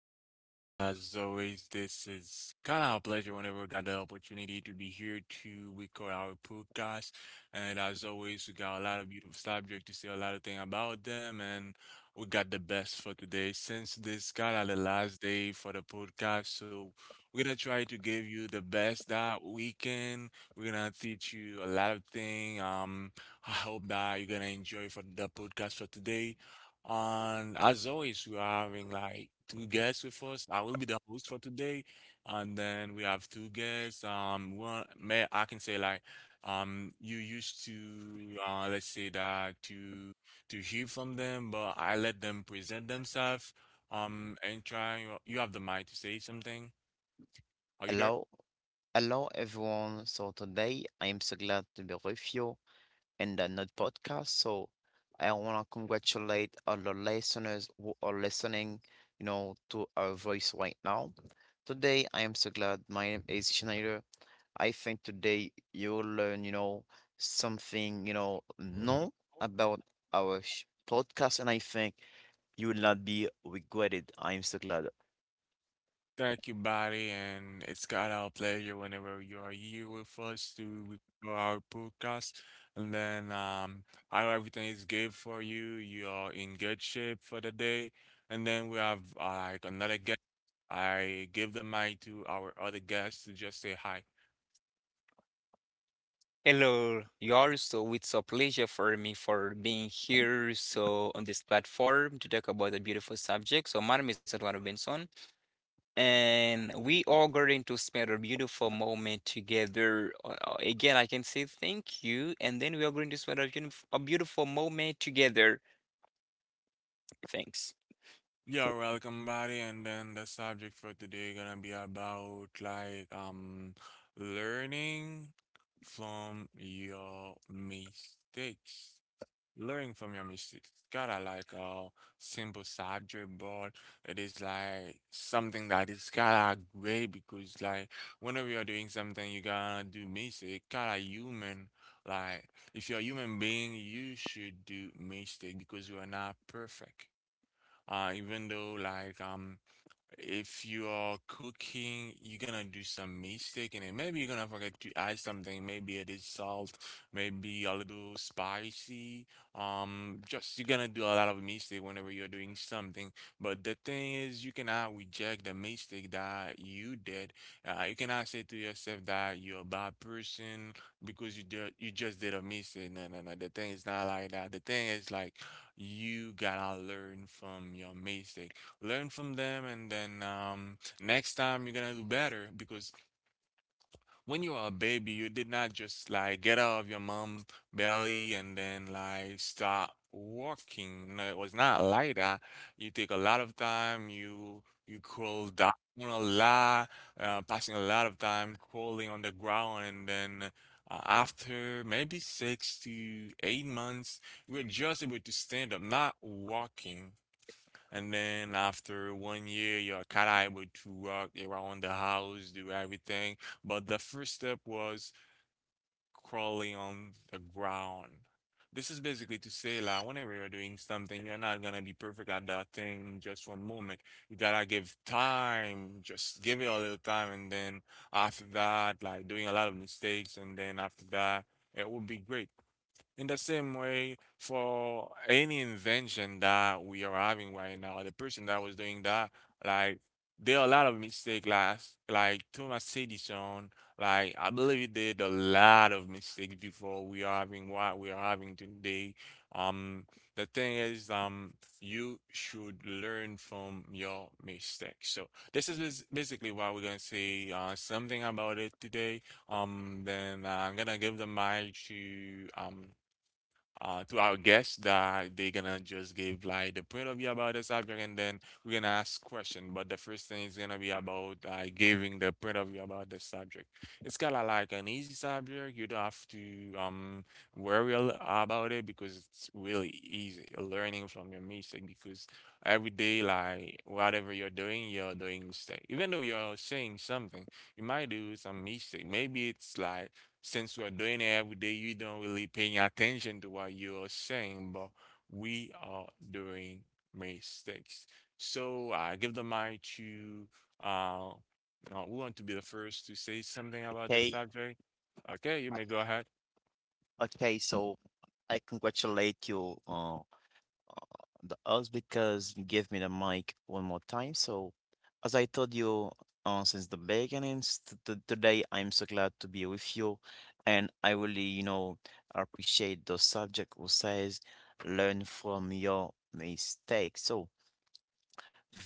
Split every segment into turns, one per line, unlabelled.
everybody. As always, this is kind of a pleasure whenever we got the opportunity to be here to record our podcast. And as always, we got a lot of beautiful subject to say a lot of thing about them, and we got the best for today. Since this kind of the last day for the podcast, so we're gonna try to give you the best that we can. We're gonna teach you a lot of thing. I hope that you're gonna enjoy for the podcast for today. And as always, we are having like two guests with us. I will be the host for today, and then we have two guests. One may I can say like, you used to let's say that to hear from them, but I let them present themselves. And try. You have the mic to say something. Are you there?
Hello, hello everyone. So today I am so glad to be with you in the Node podcast. So I want to congratulate all the listeners who are listening, to our voice right now. Today I am so glad. My name is Schneider. I think today you will learn, something, new about our podcast, and I think you will not be regretted. I am so glad.
Thank you, buddy, and it's got our pleasure whenever you are here with us to record our podcast. And then, I hope everything is good for you. You are in good shape for the day. And then we have like another guest. I give the mic to our other guests to just say hi.
Hello, Yar. So it's a pleasure for me for being here. So on this platform to talk about a beautiful subject. So my name is Eduardo Benson, and we are going to spend a beautiful moment together. Again, I can say thank you, and then we are going to spend a, a beautiful moment together. Thanks.
You're welcome, buddy. And then the subject for today gonna be about like learning from your mistakes. Learn from your mistakes. It's kinda like a simple subject, but it is like something that is kinda great because like whenever you're doing something, you gotta do mistake. Kinda human. Like if you're a human being, you should do mistake because you are not perfect. Even though like if you are cooking, you're gonna do some mistake in it. Maybe you're gonna forget to add something. Maybe it is salt, maybe a little spicy. Just you're gonna do a lot of mistake whenever you're doing something. But the thing is, you cannot reject the mistake that you did. You cannot say to yourself that you're a bad person because you just did a mistake. No, no, no. The thing is not like that. The thing is like you gotta learn from your mistake, learn from them, and then next time you're gonna do better because when you are a baby you did not just like get out of your mom belly and then like start walking. No, it was not like that. You take a lot of time, you crawl down a lot, passing a lot of time crawling on the ground, and then after maybe 6 to 8 months you were just able to stand up, not walking, and then after 1 year, you're kind of able to walk around the house, do everything. But the first step was crawling on the ground. This is basically to say, like, whenever you're doing something, you're not gonna be perfect at that thing in just one moment. You gotta give time, just give it a little time, and then after that, like doing a lot of mistakes, and then after that, it will be great. In the same way, for any invention that we are having right now, the person that was doing that, like there are a lot of mistakes, like Thomas Edison, like I believe he did a lot of mistakes before we are having what we are having today. Um, the thing is, you should learn from your mistakes. So this is basically what we're gonna say, something about it today. Then I'm gonna give the mic to our guests that they're gonna just give like the point of view about the subject, and then we're gonna ask question. But the first thing is gonna be about giving the point of view about the subject. It's kind of like an easy subject. You don't have to worry a about it because it's really easy. You're learning from your mistake because every day, like whatever you're doing mistake. Even though you're saying something, you might do some mistake. Maybe it's like since we're doing it every day, you don't really paying attention to what you're saying, but we are doing mistakes. So I give the mic to uh, uh, we want to be the first to say something about the
Okay.
subject. Okay, you
I-
may go ahead.
Okay, so I congratulate you, the us because give me the mic one more time. So, as I told you, since the beginning, today I'm so glad to be with you, and I really, appreciate the subject who says learn from your mistakes. So,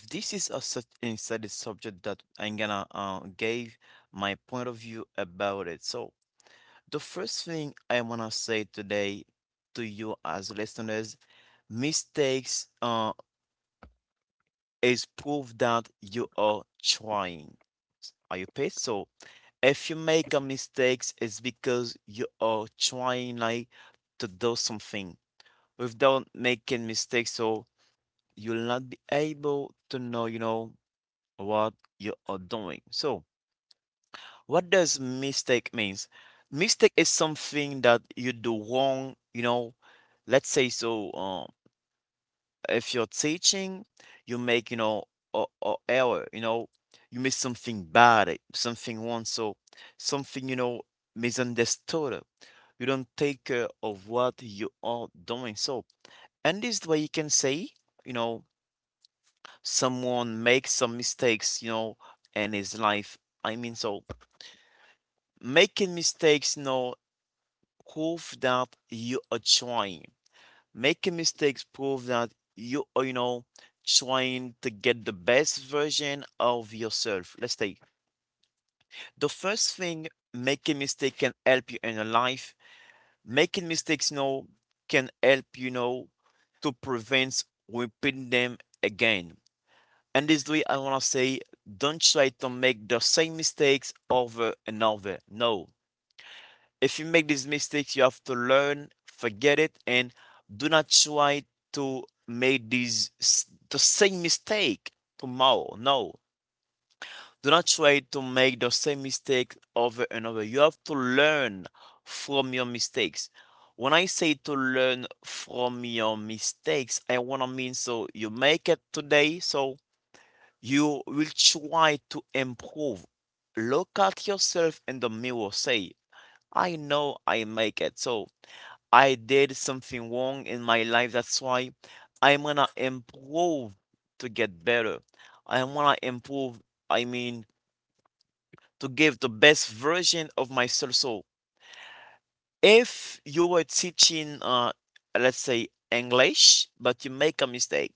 this is a such inside subject that I'm gonna give my point of view about it. So, the first thing I wanna say today to you as listeners, mistakes is proof that you are trying. Are you paid? So if you make a mistakes, it's because you are trying like to do something. Without making mistakes, so you'll not be able to know, what you are doing. So what does mistake means? Mistake is something that you do wrong, let's say so if you're teaching, you make, a error, you make something bad, something wrong, so something, misunderstood. You don't take care of what you are doing. So, and this way you can say, you know, someone makes some mistakes, in his life. I mean, so making mistakes, prove that you are trying. Making mistakes prove that you are, trying to get the best version of yourself. Let's take the first thing making mistakes can help you in your life. Making mistakes, can help to prevent repeating them again. And this way, I want to say, don't try to make the same mistakes over and over. No, if you make these mistakes, you have to learn, forget it, and do not try to make the same mistake tomorrow. No, do not try to make the same mistake over and over. You have to learn from your mistakes. When I say to learn from your mistakes, I wanna mean so you make it today, so you will try to improve. Look at yourself in the mirror, say, I know I make it. So I did something wrong in my life. That's why I'm gonna improve to get better. I wanna improve, I mean, to give the best version of myself. So if you were teaching, let's say English, but you make a mistake,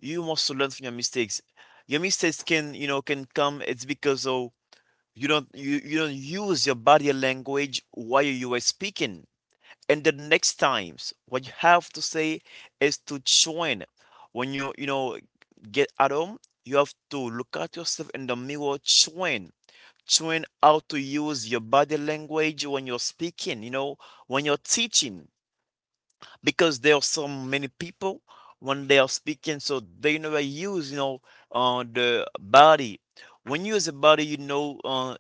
you must learn from your mistakes. Your mistakes can come. It's because oh, you don't use your body language while you were speaking, and the next times what you have to say is to join when you know get at home. You have to look at yourself in the mirror, join how to use your body language when you're speaking, when you're teaching, because there are so many people when they are speaking so they never use the body. When you use the body,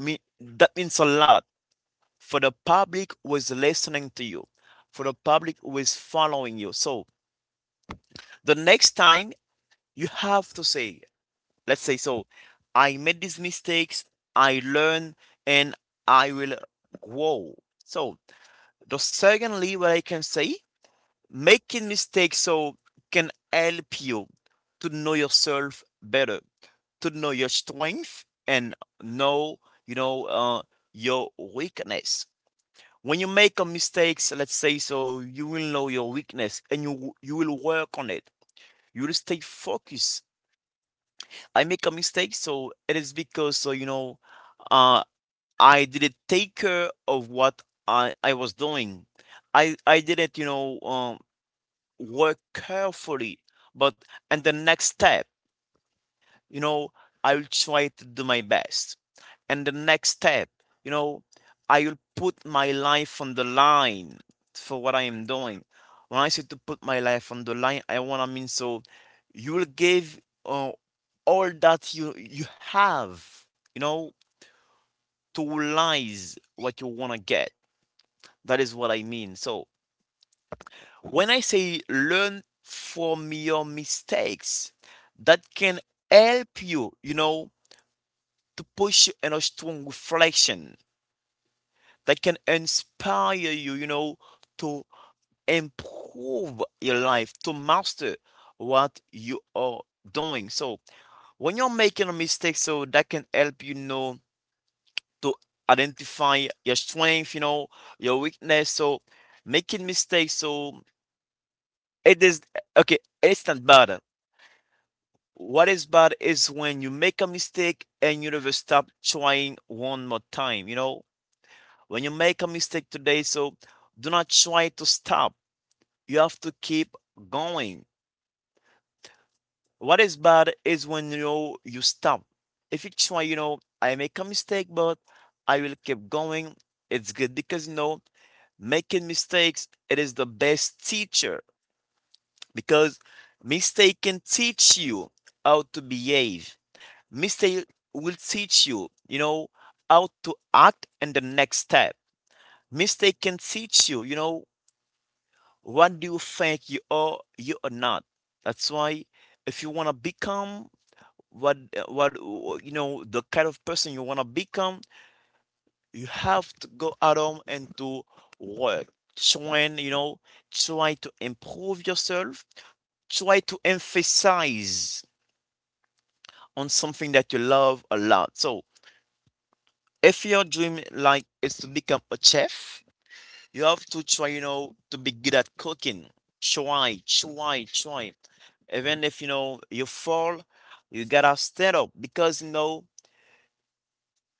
me, that means a lot for the public who is listening to you, for the public who is following you. So the next time you have to say, let's say, so I made these mistakes, I learn, and I will grow. So the secondly, what I can say, making mistakes so can help you to know yourself better, to know your strength and know, know your weakness. When you make a mistakes, let's say so, you will know your weakness and you will work on it. You will stay focused. I make a mistake, so it is because so uh, I didn't take care of what I was doing. I didn't work carefully. But and the next step. you know, I will try to do my best. And the next step, you know, I will put my life on the line for what I am doing. When I say to put my life on the line, I want to mean so you will give all that you have, to realize what you want to get. That is what I mean. So when I say learn from your mistakes, that can help you, to push you in a strong reflection that can inspire you, to improve your life, to master what you are doing. So when you're making a mistake, so that can help to identify your strength, your weakness. So making mistakes, so it is okay, it's not bad. What is bad is when you make a mistake and you never stop trying one more time. When you make a mistake today, so do not try to stop. You have to keep going. What is bad is when you know you stop. If you try, I make a mistake, but I will keep going. It's good because making mistakes it is the best teacher because mistake can teach you how to behave. Mistake will teach you, how to act in the next step. Mistake can teach you, what do you think you are? You are not. That's why, if you wanna become what what you know the kind of person you wanna become, you have to go out on and to work. Trying, try to improve yourself. Try to emphasize on something that you love a lot. So, if your dream like is to become a chef, you have to try, to be good at cooking. Try, try, try. Even if, you fall, you gotta stand up because,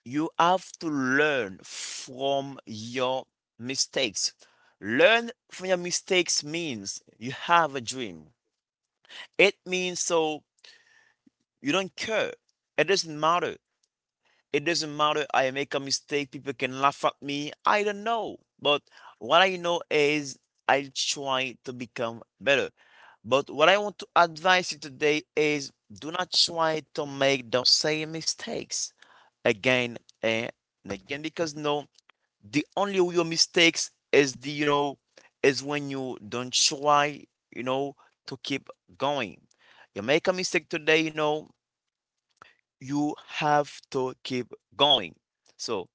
you have to learn from your mistakes. Learn from your mistakes means you have a dream. It means so you don't care. It doesn't matter. It doesn't matter. I make a mistake. People can laugh at me. I don't know. But what I know is I'll try to become better. But what I want to advise you today is do not try to make the same mistakes again and again because no, the only real mistakes is when you don't try you know to keep going. You make a mistake today, you have to keep going. So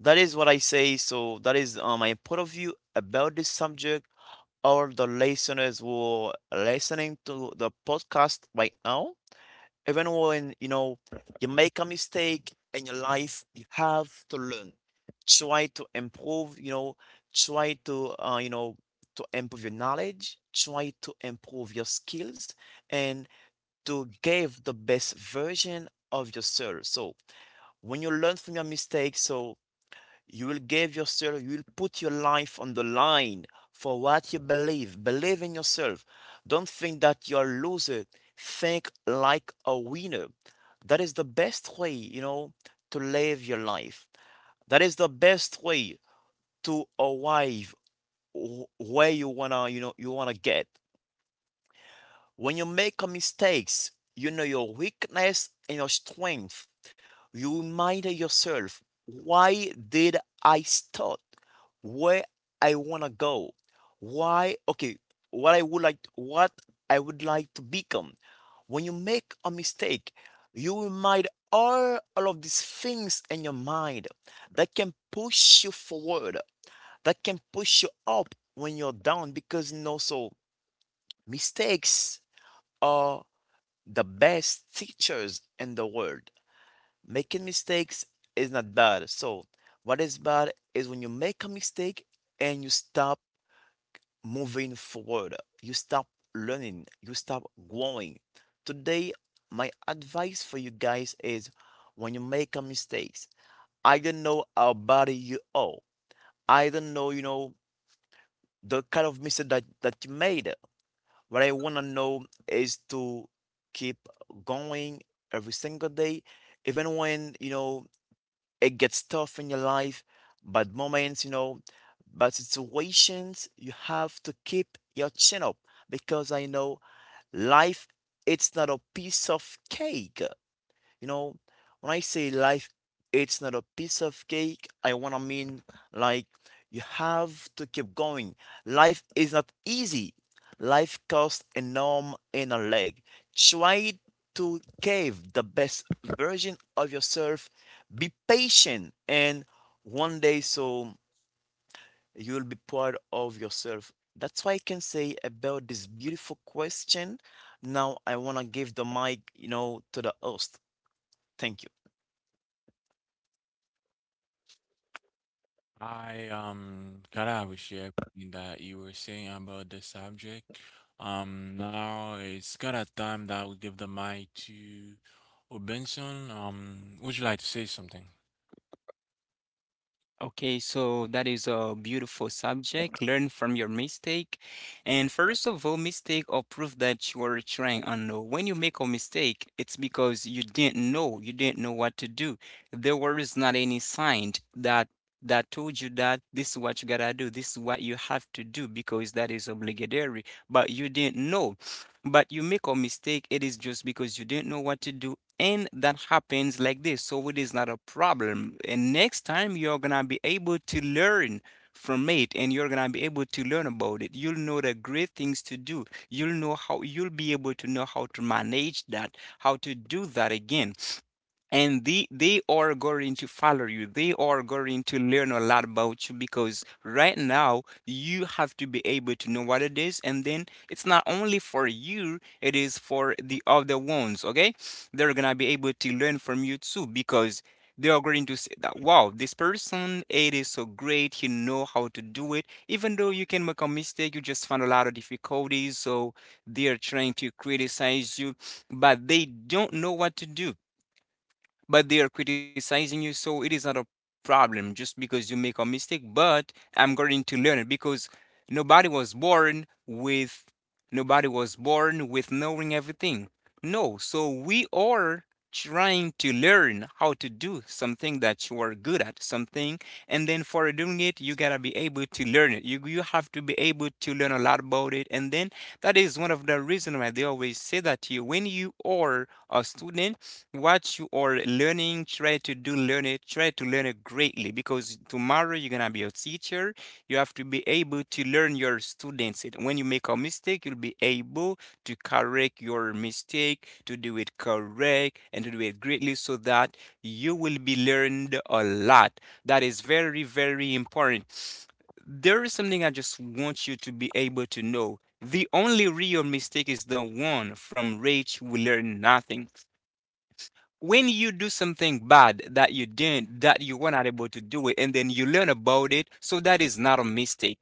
that is what I say. So that is my point of view about this subject. All the listeners who are listening to the podcast right now, even when you make a mistake in your life, you have to learn. Try to improve. Try to improve your knowledge. Try to improve your skills and to give the best version of yourself. So when you learn from your mistakes, so you will give yourself, you will put your life on the line for what you believe. Believe in yourself. Don't think that you're a loser. Think like a winner. That is the best way, to live your life. That is the best way to arrive where you wanna get. When you make a mistakes, you know your weakness and your strength. You remind yourself, why did I start? Where I wanna go? Why? Okay, what I would like to become. When you make a mistake, you remind all of these things in your mind that can push you forward, that can push you up when you're down because mistakes are the best teachers in the world. Making mistakes is not bad. So, what is bad is when you make a mistake and you stop moving forward, you stop learning, you stop growing. Today, my advice for you guys is when you make a mistake, I don't know how bad you are. I don't know, the kind of mistake that you made. What I want to know is to keep going every single day, even when, it gets tough in your life, bad moments, bad situations, you have to keep your chin up because I know life, it's not a piece of cake. You know, when I say life, it's not a piece of cake, I wanna mean like you have to keep going. Life is not easy. Life costs an arm and a leg. Try to cave the best version of yourself. Be patient, and one day so you'll be proud of yourself. That's why I can say about this beautiful question. Now I wanna give the mic, to the host. Thank you.
I kind of appreciate everything that you were saying about the subject. Now it's kind of time that we give the mic to Obenson. Would you like to say something?
Okay, so that is a beautiful subject. Learn from your mistake. And first of all, mistake or proof that you are trying unknown. When you make a mistake, it's because you didn't know what to do. There was not any sign that told you that this is what you gotta do, this is what you have to do because that is obligatory, but you didn't know. But you make a mistake, it is just because you didn't know what to do, and that happens like this, so it is not a problem. And next time you're gonna be able to learn from it, and you're gonna be able to learn about it. You'll know the great things to do. You'll know how you'll be able to know how to manage that, how to do that again. And they are going to follow you. They are going to learn a lot about you because right now you have to be able to know what it is. And then it's not only for you, it is for the other ones. Okay, they're gonna be able to learn from you too, because they are going to say that wow, this person, it is so great, he know how to do it. Even though you can make a mistake, you just find a lot of difficulties, so they are trying to criticize you, but they don't know what to do, but they are criticizing you. So it is not a problem just because you make a mistake, but I'm going to learn it because nobody was born with nobody was born with knowing everything. No, so we are trying to learn how to do something that you are good at something. And then for doing it, you gotta be able to learn it. You have to be able to learn a lot about it. And then that is one of the reasons why they always say that to you when you are a student: what you are learning, try to do learn it, try to learn it greatly because tomorrow you're gonna be a teacher. You have to be able to learn your students. It when you make a mistake, you'll be able to correct your mistake, to do it correct, and to do it greatly so that you will be learned a lot. That is very, very important. There is something I just want you to be able to know. The only real mistake is the one from which we learn nothing. When you do something bad that you didn't that you were not able to do it, and then you learn about it, so that is not a mistake.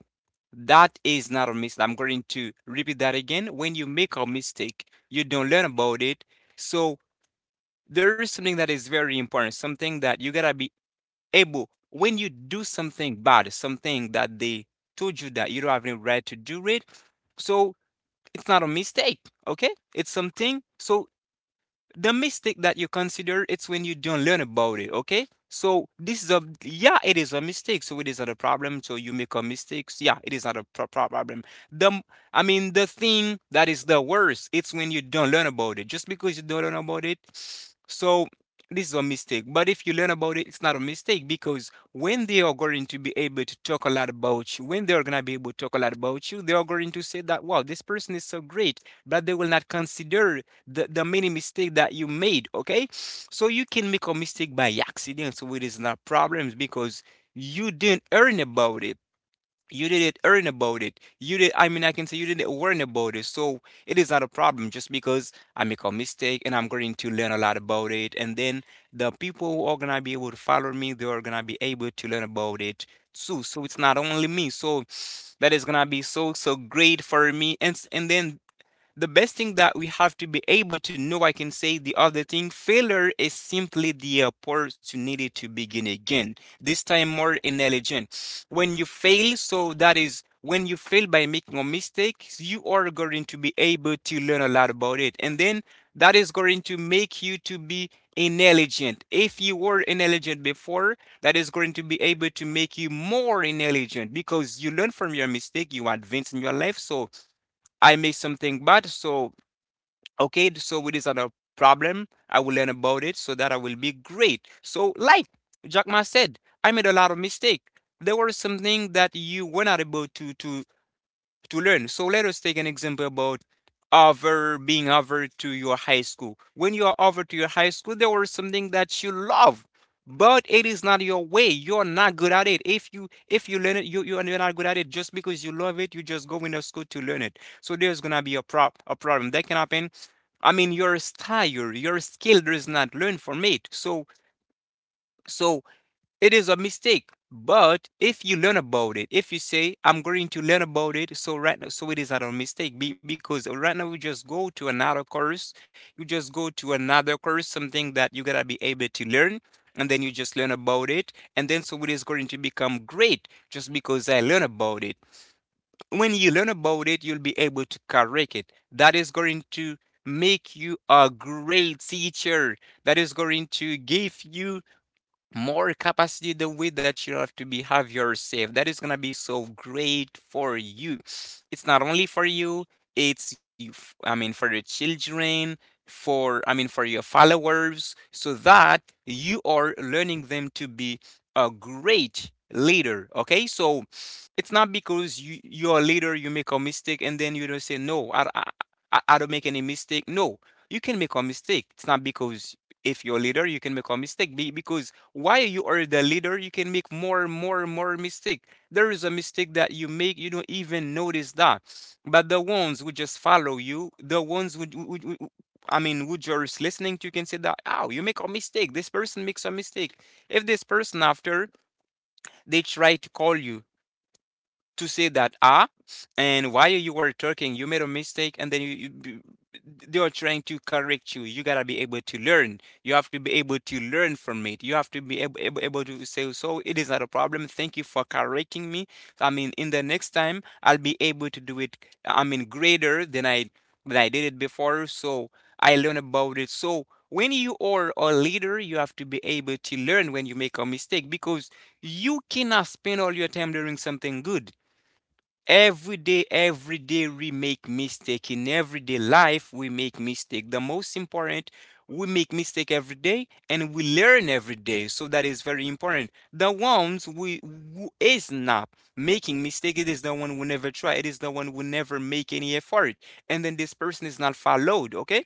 That is not a mistake. I'm going to repeat that again: when you make a mistake you don't learn about it. So there is something that is very important, something that you gotta be able. When you do something bad, something that they told you that you don't have any right to do it, so it's not a mistake. Okay, it's something. So the mistake that you consider, it's when you don't learn about it. Okay, so this is a, yeah, it is a mistake. So it is not a problem. So you make a mistake. Yeah, it is not a problem. The I mean, the thing that is the worst, it's when you don't learn about it just because you don't learn about it. So this is a mistake. But if you learn about it, it's not a mistake, because when they are going to be able to talk a lot about you, when they are going to be able to talk a lot about you they are going to say that wow, this person is so great. But they will not consider the many mistake that you made. Okay, so you can make a mistake by accident, so it is not problems because you didn't earn about it you didn't earn about it. You did I mean, I can say you didn't learn about it. So it is not a problem just because I make a mistake, and I'm going to learn a lot about it. And then the people who are gonna be able to follow me, they are gonna be able to learn about it too. So it's not only me, so that is gonna be so so great for me. And then the best thing that we have to be able to know, I can say the other thing: failure is simply the opportunity to begin again, this time more intelligent. When you fail, so that is, when you fail by making a mistake, you are going to be able to learn a lot about it. And then that is going to make you to be intelligent. If you were intelligent before, that is going to be able to make you more intelligent because you learn from your mistake, you advance in your life. So I make something bad, so okay, so it is not a problem. I will learn about it so that I will be great. So, like Jack Ma said, I made a lot of mistake. There were something that you were not able to learn. So let us take an example about over to your high school. When you are over to your high school, there was something that you love, but it is not your way. You're not good at it. If you learn it, you are not good at it just because you love it. You just go into school to learn it. So there's gonna be a prop a problem that can happen. I mean, your style, your skill does not learn from it. So it is a mistake. But if you learn about it, if you say I'm going to learn about it, so right now, so it is not a mistake because right now you just go to another course, something that you gotta be able to learn, and then you just learn about it, and then so it is going to become great just because I learn about it. When you learn about it, you'll be able to correct it. That is going to make you a great teacher. That is going to give you more capacity. The way that you have to be behave yourself, that is going to be so great for you. It's not only for you, it's I mean for your children, for I mean for your followers, so that you are learning them to be a great leader. Okay, so it's not because you're a leader, you make a mistake, and then you don't say no. I don't make any mistake. No, you can make a mistake. It's not because, if you're a leader, you can make a mistake because while you are the leader, you can make more and more and more mistake. There is a mistake that you make, you don't even notice that. But the ones who just follow you, the ones who, I mean who just listening to you, can say that oh, you make a mistake, this person makes a mistake. If this person after, they try to call you to say that ah, and while you were talking you made a mistake, and then you they are trying to correct you, you gotta be able to learn. You have to be able to learn from it. You have to be able to say, so it is not a problem, thank you for correcting me. I mean, in the next time I'll be able to do it, I mean greater than I did it before. So I learn about it. So when you are a leader, you have to be able to learn when you make a mistake, because you cannot spend all your time doing something good. Every day we make mistake. In everyday life we make mistake. The most important, we make mistake every day and we learn every day. So that is very important. The ones we who is not making mistake, it is the one who never try, it is the one who never make any effort. And then this person is not followed. Okay,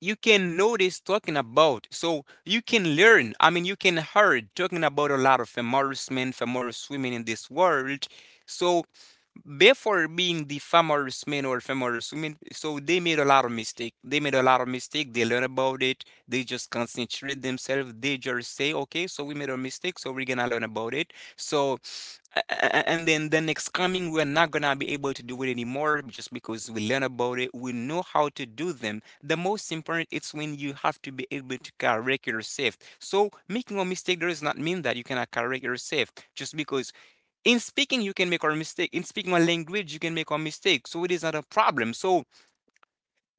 you can notice talking about, so you can learn, I mean you can heard talking about a lot of female men, female women in this world. So before Being the famous men or famous women, so they made a lot of mistake. They made a lot of mistake. They learn about it. They just concentrate themselves. They just say, okay, so we made a mistake, so we're gonna learn about it. So, and then the next coming, we're not gonna be able to do it anymore just because we learn about it. We know how to do them. The most important it's when you have to be able to correct yourself. So making a mistake does not mean that you cannot correct yourself just because in speaking you can make a mistake, in speaking a language you can make a mistake, so it is not a problem. So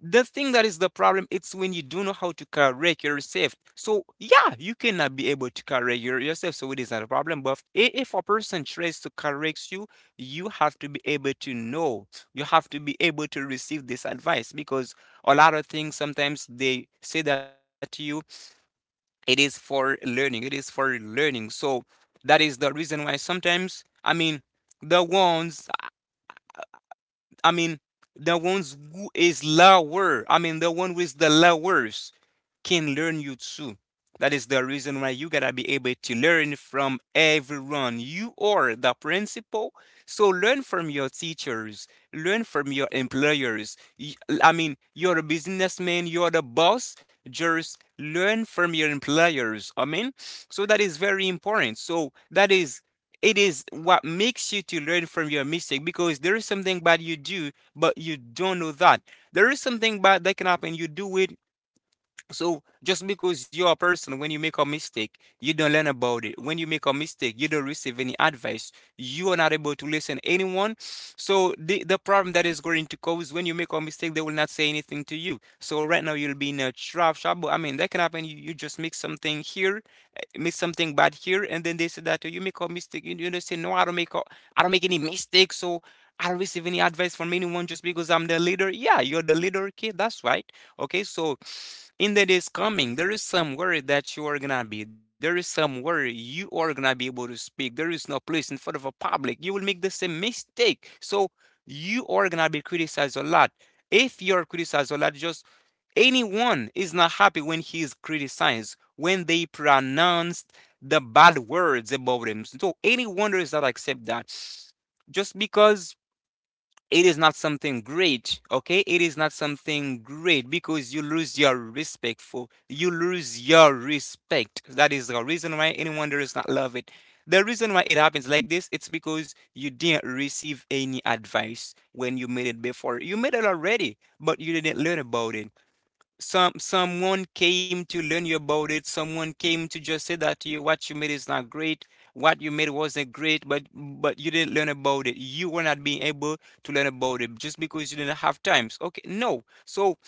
the thing that is the problem, it's when you don't know how to correct yourself, so yeah, you cannot be able to correct yourself, so it is not a problem. But if a person tries to correct you, you have to be able to know, you have to be able to receive this advice, because a lot of things sometimes they say that to you, it is for learning, it is for learning. So that is the reason why sometimes, the ones, I mean, the ones who is lower. I mean, the one with the lowers can learn you too. That is the reason why you gotta be able to learn from everyone. You are the principal, so learn from your teachers, learn from your employers. I mean, you're a businessman, you're the boss, just learn from your employers. I mean, so that is very important. So that is, it is what makes you to learn from your mistake, because there is something bad you do, but you don't know that. There is something bad that can happen. You do it. So just because you're a person, when you make a mistake, you don't learn about it. When you make a mistake, you don't receive any advice. You are not able to listen to anyone. So the problem that is going to cause, when you make a mistake, they will not say anything to you. So right now you'll be in a trap. Trouble. I mean, that can happen. You just make something here. Miss something bad here, and then they said that you make a mistake. You know, say no, I don't make I don't make any mistakes. So I don't receive any advice from anyone just because I'm the leader. Yeah, you're the leader kid, that's right. Okay, so in the days coming there is some worry that you are gonna be, there is some worry you are gonna be able to speak, there is no place in front of a public, you will make the same mistake. So you are gonna be criticized a lot. If you're criticized a lot, just anyone is not happy when he is criticized, when they pronounce the bad words about him. So anyone does not accept that. Just because it is not something great, okay? It is not something great because you lose your respect, for you lose your respect. That is the reason why anyone does not love it. The reason why it happens like this, it's because you didn't receive any advice when you made it before. You made it already, but you didn't learn about it. Someone came to learn you about it, someone came to just say that to you what you made is not great, what you made wasn't great, but you didn't learn about it, you were not being able to learn about it just because you didn't have times, okay? No, so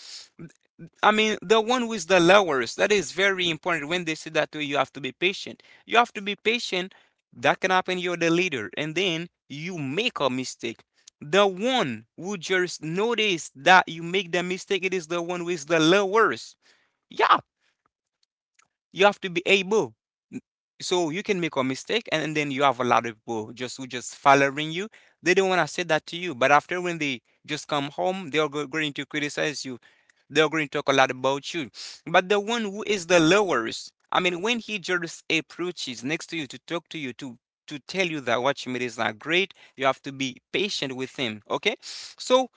I mean the one with the lowers, that is very important. When they say that to you, you have to be patient, you have to be patient. That can happen, you're the leader and then you make a mistake. The one who just notice that you make the mistake, it is the one with the lowers. Yeah, you have to be able. So you can make a mistake, and then you have a lot of people just who just following you. They don't want to say that to you, but after when they just come home, they are going to criticize you, they're going to talk a lot about you. But the one who is the lowest, I mean, when he just approaches next to you to talk to you, to tell you that what you made is not great, you have to be patient with him. Okay, so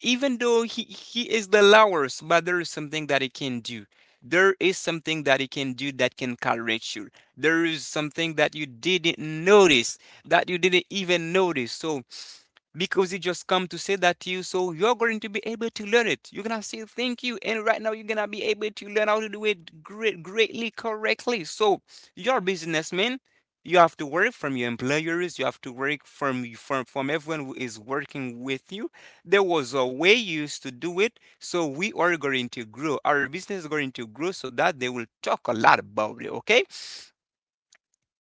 even though he is the lowest, but there is something that he can do. There is something that he can do that can correct you. There is something that you didn't notice, that you didn't even notice. So because it just come to say that to you, so you're going to be able to learn it. You're gonna say thank you, and right now you're gonna be able to learn how to do it greatly correctly. So you're a businessman. You have to work from your employers. You have to work from from everyone who is working with you. There was a way you used to do it, so we are going to grow. Our business is going to grow, so that they will talk a lot about it. Okay.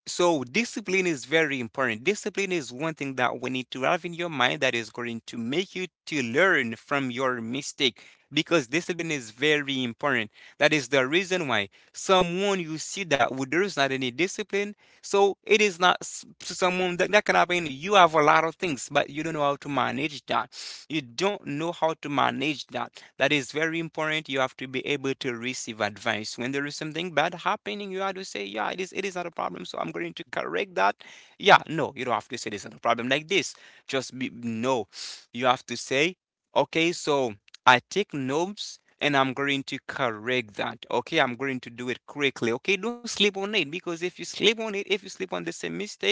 So discipline is very important. Discipline is one thing that we need to have in your mind that is going to make you to learn from your mistake, because discipline is very important. That is the reason why someone you see that, well, there is not any discipline, so it is not someone that, that can happen. You have a lot of things, but you don't know how to manage that. You don't know how to manage that. That is very important. You have to be able to receive advice. When there is something bad happening, you have to say, "Yeah, it is. It is not a problem. So I'm going to correct that." Yeah, no, you don't have to say this is not a problem like this. Just be no. You have to say, "Okay, so I take notes." And I'm going to correct that. Okay, I'm going to do it quickly. Okay, don't sleep on it, because if you sleep on it, if you sleep on the same mistake,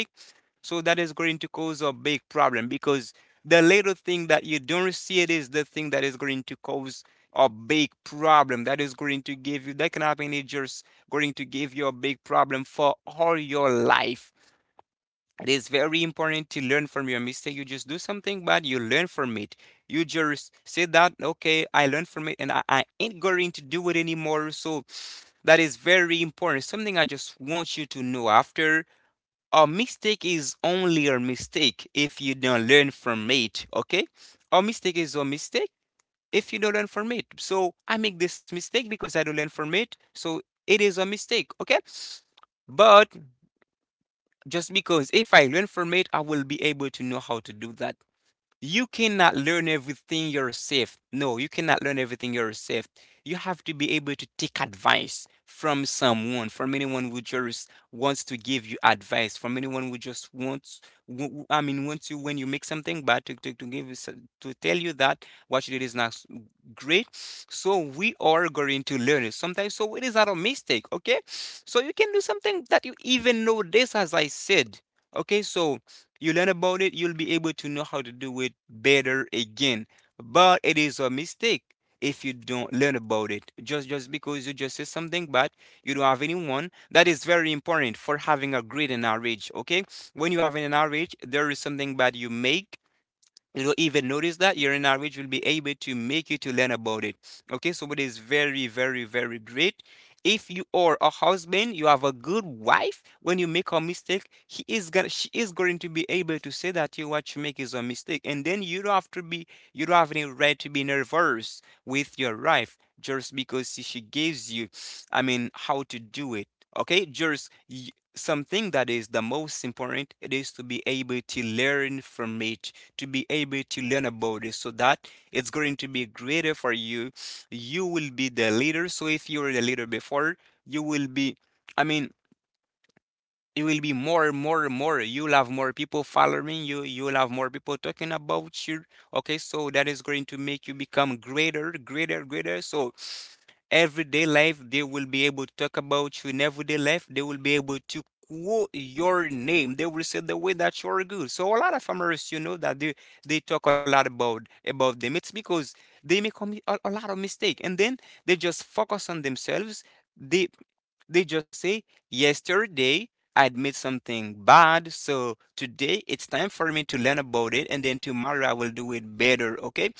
so that is going to cause a big problem, because the little thing that you don't see, it is the thing that is going to cause a big problem, that is going to give you, that can happen, it's just going to give you a big problem for all your life. It is very important to learn from your mistake. You just do something bad, you learn from it. You just say that, okay, I learned from it, and I ain't going to do it anymore. So that is very important, something I just want you to know. After, a mistake is only a mistake if you don't learn from it, okay? A mistake is a mistake if you don't learn from it. So I make this mistake because I don't learn from it. So it is a mistake, okay? But just because, if I learn from it, I will be able to know how to do that. You cannot learn everything yourself. No, you cannot learn everything yourself. You have to be able to take advice from someone, from anyone who just wants to give you advice, from anyone who just wants, I mean, wants you when you make something bad to give you, to tell you that what you did is not great. So we are going to learn it sometimes. So it is not a mistake, okay? So you can do something that you even know this, as I said. Okay, so you learn about it, you'll be able to know how to do it better again. But it is a mistake if you don't learn about it. Just because you just say something, but you don't have anyone. That is very important for having a great marriage. Okay, when you have an marriage, there is something bad you make, you know, even notice that your language will be able to make you to learn about it. Okay, so it is very very very great. If you are a husband, you have a good wife. When you make a mistake, he is gonna she is going to be able to say that you, what you make is a mistake, and then you don't have to be. You don't have any right to be nervous with your wife just because she gives you, I mean, how to do it. Okay, something that is the most important, it is to be able to learn from it, to be able to learn about it, so that it's going to be greater for you. You will be the leader. So if you were the leader before, you will be, i mean it will be more and more and more. You'll have more people following you, you'll have more people talking about you. Okay, so that is going to make you become greater greater greater. So everyday life, they will be able to talk about you. In everyday life, they will be able to quote your name. They will say the way that you're good. So a lot of farmers, you know that they talk a lot about them. It's because they make a, a lot of mistake, and then they just focus on themselves. they they just say, yesterday I admit something bad, so today it's time for me to learn about it, and then tomorrow I will do it better. Okay,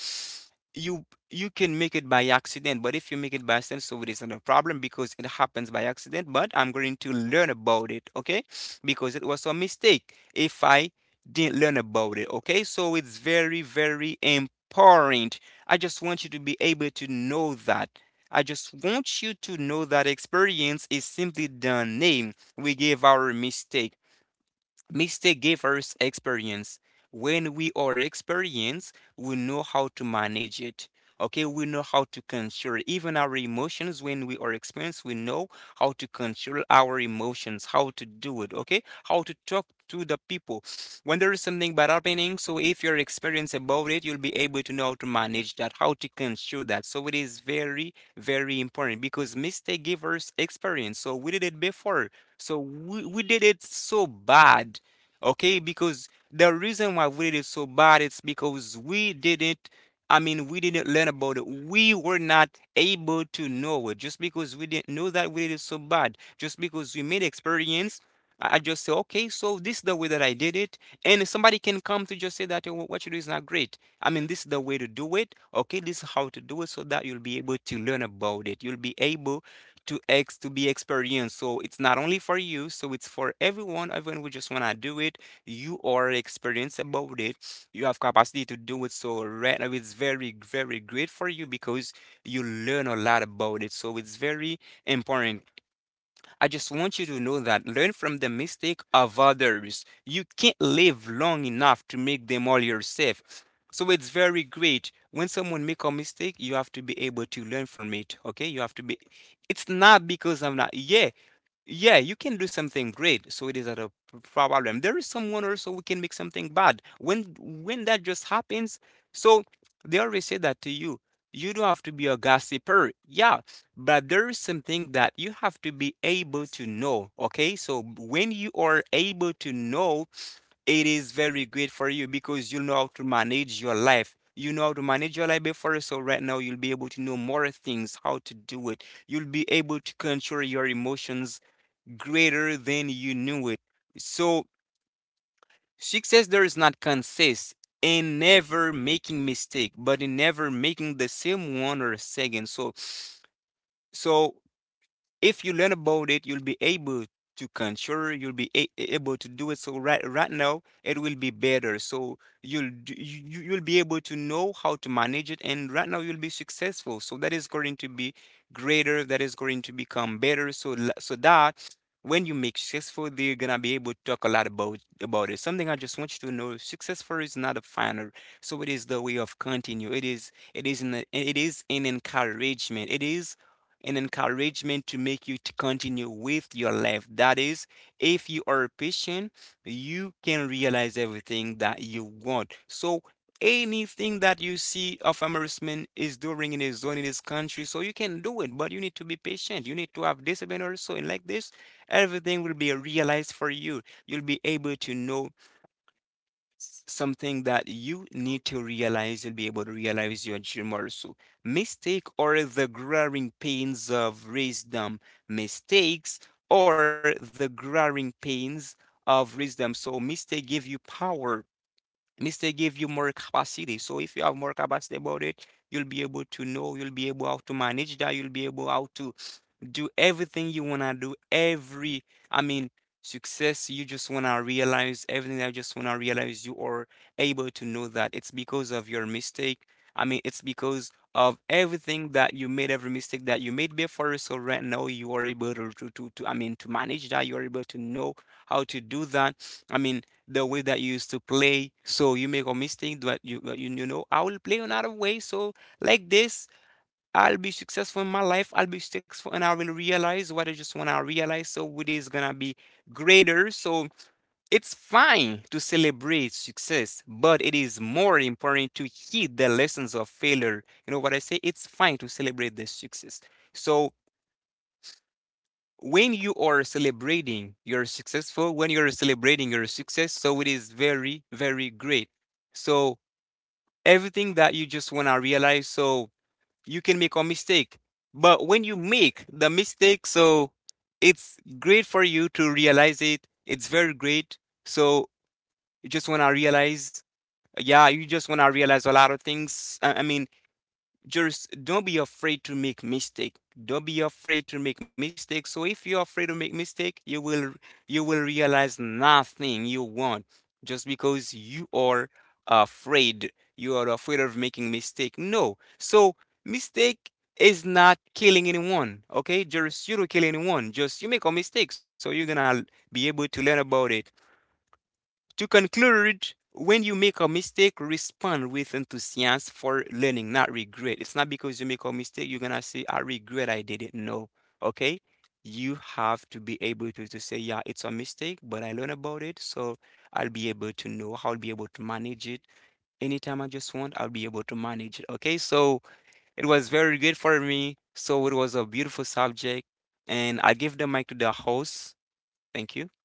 you can make it by accident, but if you make it by accident, so it is not a problem because it happens by accident. But I'm going to learn about it. Okay, because it was a mistake if I didn't learn about it. Okay, so it's very very important. I just want you to be able to know that. I just want you to know that experience is simply the name we give our mistakes. Mistake gave us experience. When we are experienced, we know how to manage it. Okay, we know how to control even our emotions. When we are experienced, we know how to control our emotions, how to do it. Okay, how to talk to the people when there is something bad happening. So, if you're experienced about it, you'll be able to know how to manage that, how to control that. So, it is very, very important because mistake give us experience. So, we did it before. So we did it so bad. Okay, because the reason why we did it so bad, it's because we didn't, I mean, we didn't learn about it. We were not able to know it just because we didn't know that we did it so bad, just because we made experience. I just say, okay, so this is the way that I did it, and somebody can come to just say that, "Oh, what you do is not great, I mean, this is the way to do it. Okay, this is how to do it, so that you'll be able to learn about it, you'll be able to be experienced. So it's not only for you, so it's for everyone. Everyone who just wanna do it. You are experienced about it. You have capacity to do it. So right now it's very, very great for you because you learn a lot about it. So it's very important. I just want you to know that learn from the mistake of others. You can't live long enough to make them all yourself. So it's very great. When someone make a mistake, you have to be able to learn from it. Okay? You have to be, it's not because I'm not, yeah. Yeah, you can do something great, so it is not a problem. There is someone also who can make something bad. When that just happens, so they always say that to you. You don't have to be a gossiper, yeah, but there is something that you have to be able to know. Okay, so when you are able to know, it is very great for you because you know how to manage your life. You know how to manage your life before, so right now you'll be able to know more things, how to do it. You'll be able to control your emotions greater than you knew it. So success there is not consist in never making mistake, but in never making the same one or second. So if you learn about it, you'll be able to control, you'll be able to do it. So right now it will be better. So you'll be able to know how to manage it, and right now you'll be successful, so that is going to be greater, that is going to become better. So so that when you make successful, they're gonna be able to talk a lot about it. Something I just want you to know, successful is not a final, so it is the way of continue. It is it is an encouragement. It is an encouragement to make you to continue with your life. That is, if you are patient, you can realize everything that you want. So anything that you see of embarrassment is doing in his zone in his country, so you can do it, but you need to be patient. You need to have discipline also, and like this, everything will be realized for you. You'll be able to know something that you need to realize. You'll be able to realize your dream also. Mistake are the growing pains of wisdom. Mistakes are the growing pains of wisdom. So mistake give you power. Mistake give you more capacity. So if you have more capacity about it, you'll be able to know, you'll be able how to manage that, you'll be able how to do everything you wanna do, every, I mean, success you just wanna realize, everything that you just wanna realize, you are able to know that it's because of your mistake. I mean, it's because of everything that you made, every mistake that you made before. So right now you are able to, I mean, to manage that. You are able to know how to do that. I mean, the way that you used to play. So you make a mistake, but you know, I will play another way. So like this. I'll be successful in my life. I'll be successful and I will realize what I just want to realize. So it is going to be greater. So it's fine to celebrate success, but it is more important to heed the lessons of failure. You know what I say? It's fine to celebrate the success. So when you are celebrating you're successful, when you're celebrating your success, so it is very, very great. So everything that you just want to realize. So you can make a mistake. But when you make the mistake, so it's great for you to realize it. It's very great. So you just want to realize, yeah, you just want to realize a lot of things. I mean, just don't be afraid to make mistake. Don't be afraid to make mistakes. So if you're afraid to make mistake, you will realize nothing you want, just because you are afraid. You are afraid of making mistake. No. So mistake is not killing anyone. Okay, just you don't kill anyone, just you make a mistake, so you're gonna be able to learn about it. To conclude, when you make a mistake, respond with enthusiasm for learning, not regret. It's not because you make a mistake, you're gonna say, I regret I didn't know. Okay? You have to be able to say, yeah, it's a mistake, but I learned about it, so I'll be able to know, I'll be able to manage it. Anytime I just want, I'll be able to manage it. Okay? So it was very good for me. So it was a beautiful subject. And I give the mic to the host. Thank you.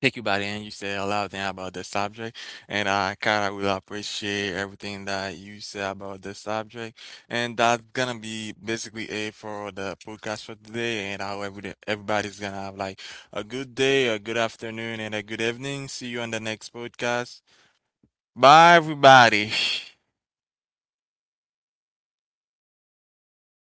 Take you by the end. You said a lot of things about the subject, and I kind of will appreciate everything that you said about the subject. And that's gonna be basically it for the podcast for today. And I hope everybody's gonna have like a good day, a good afternoon, and a good evening. See you on the next podcast. Bye, everybody.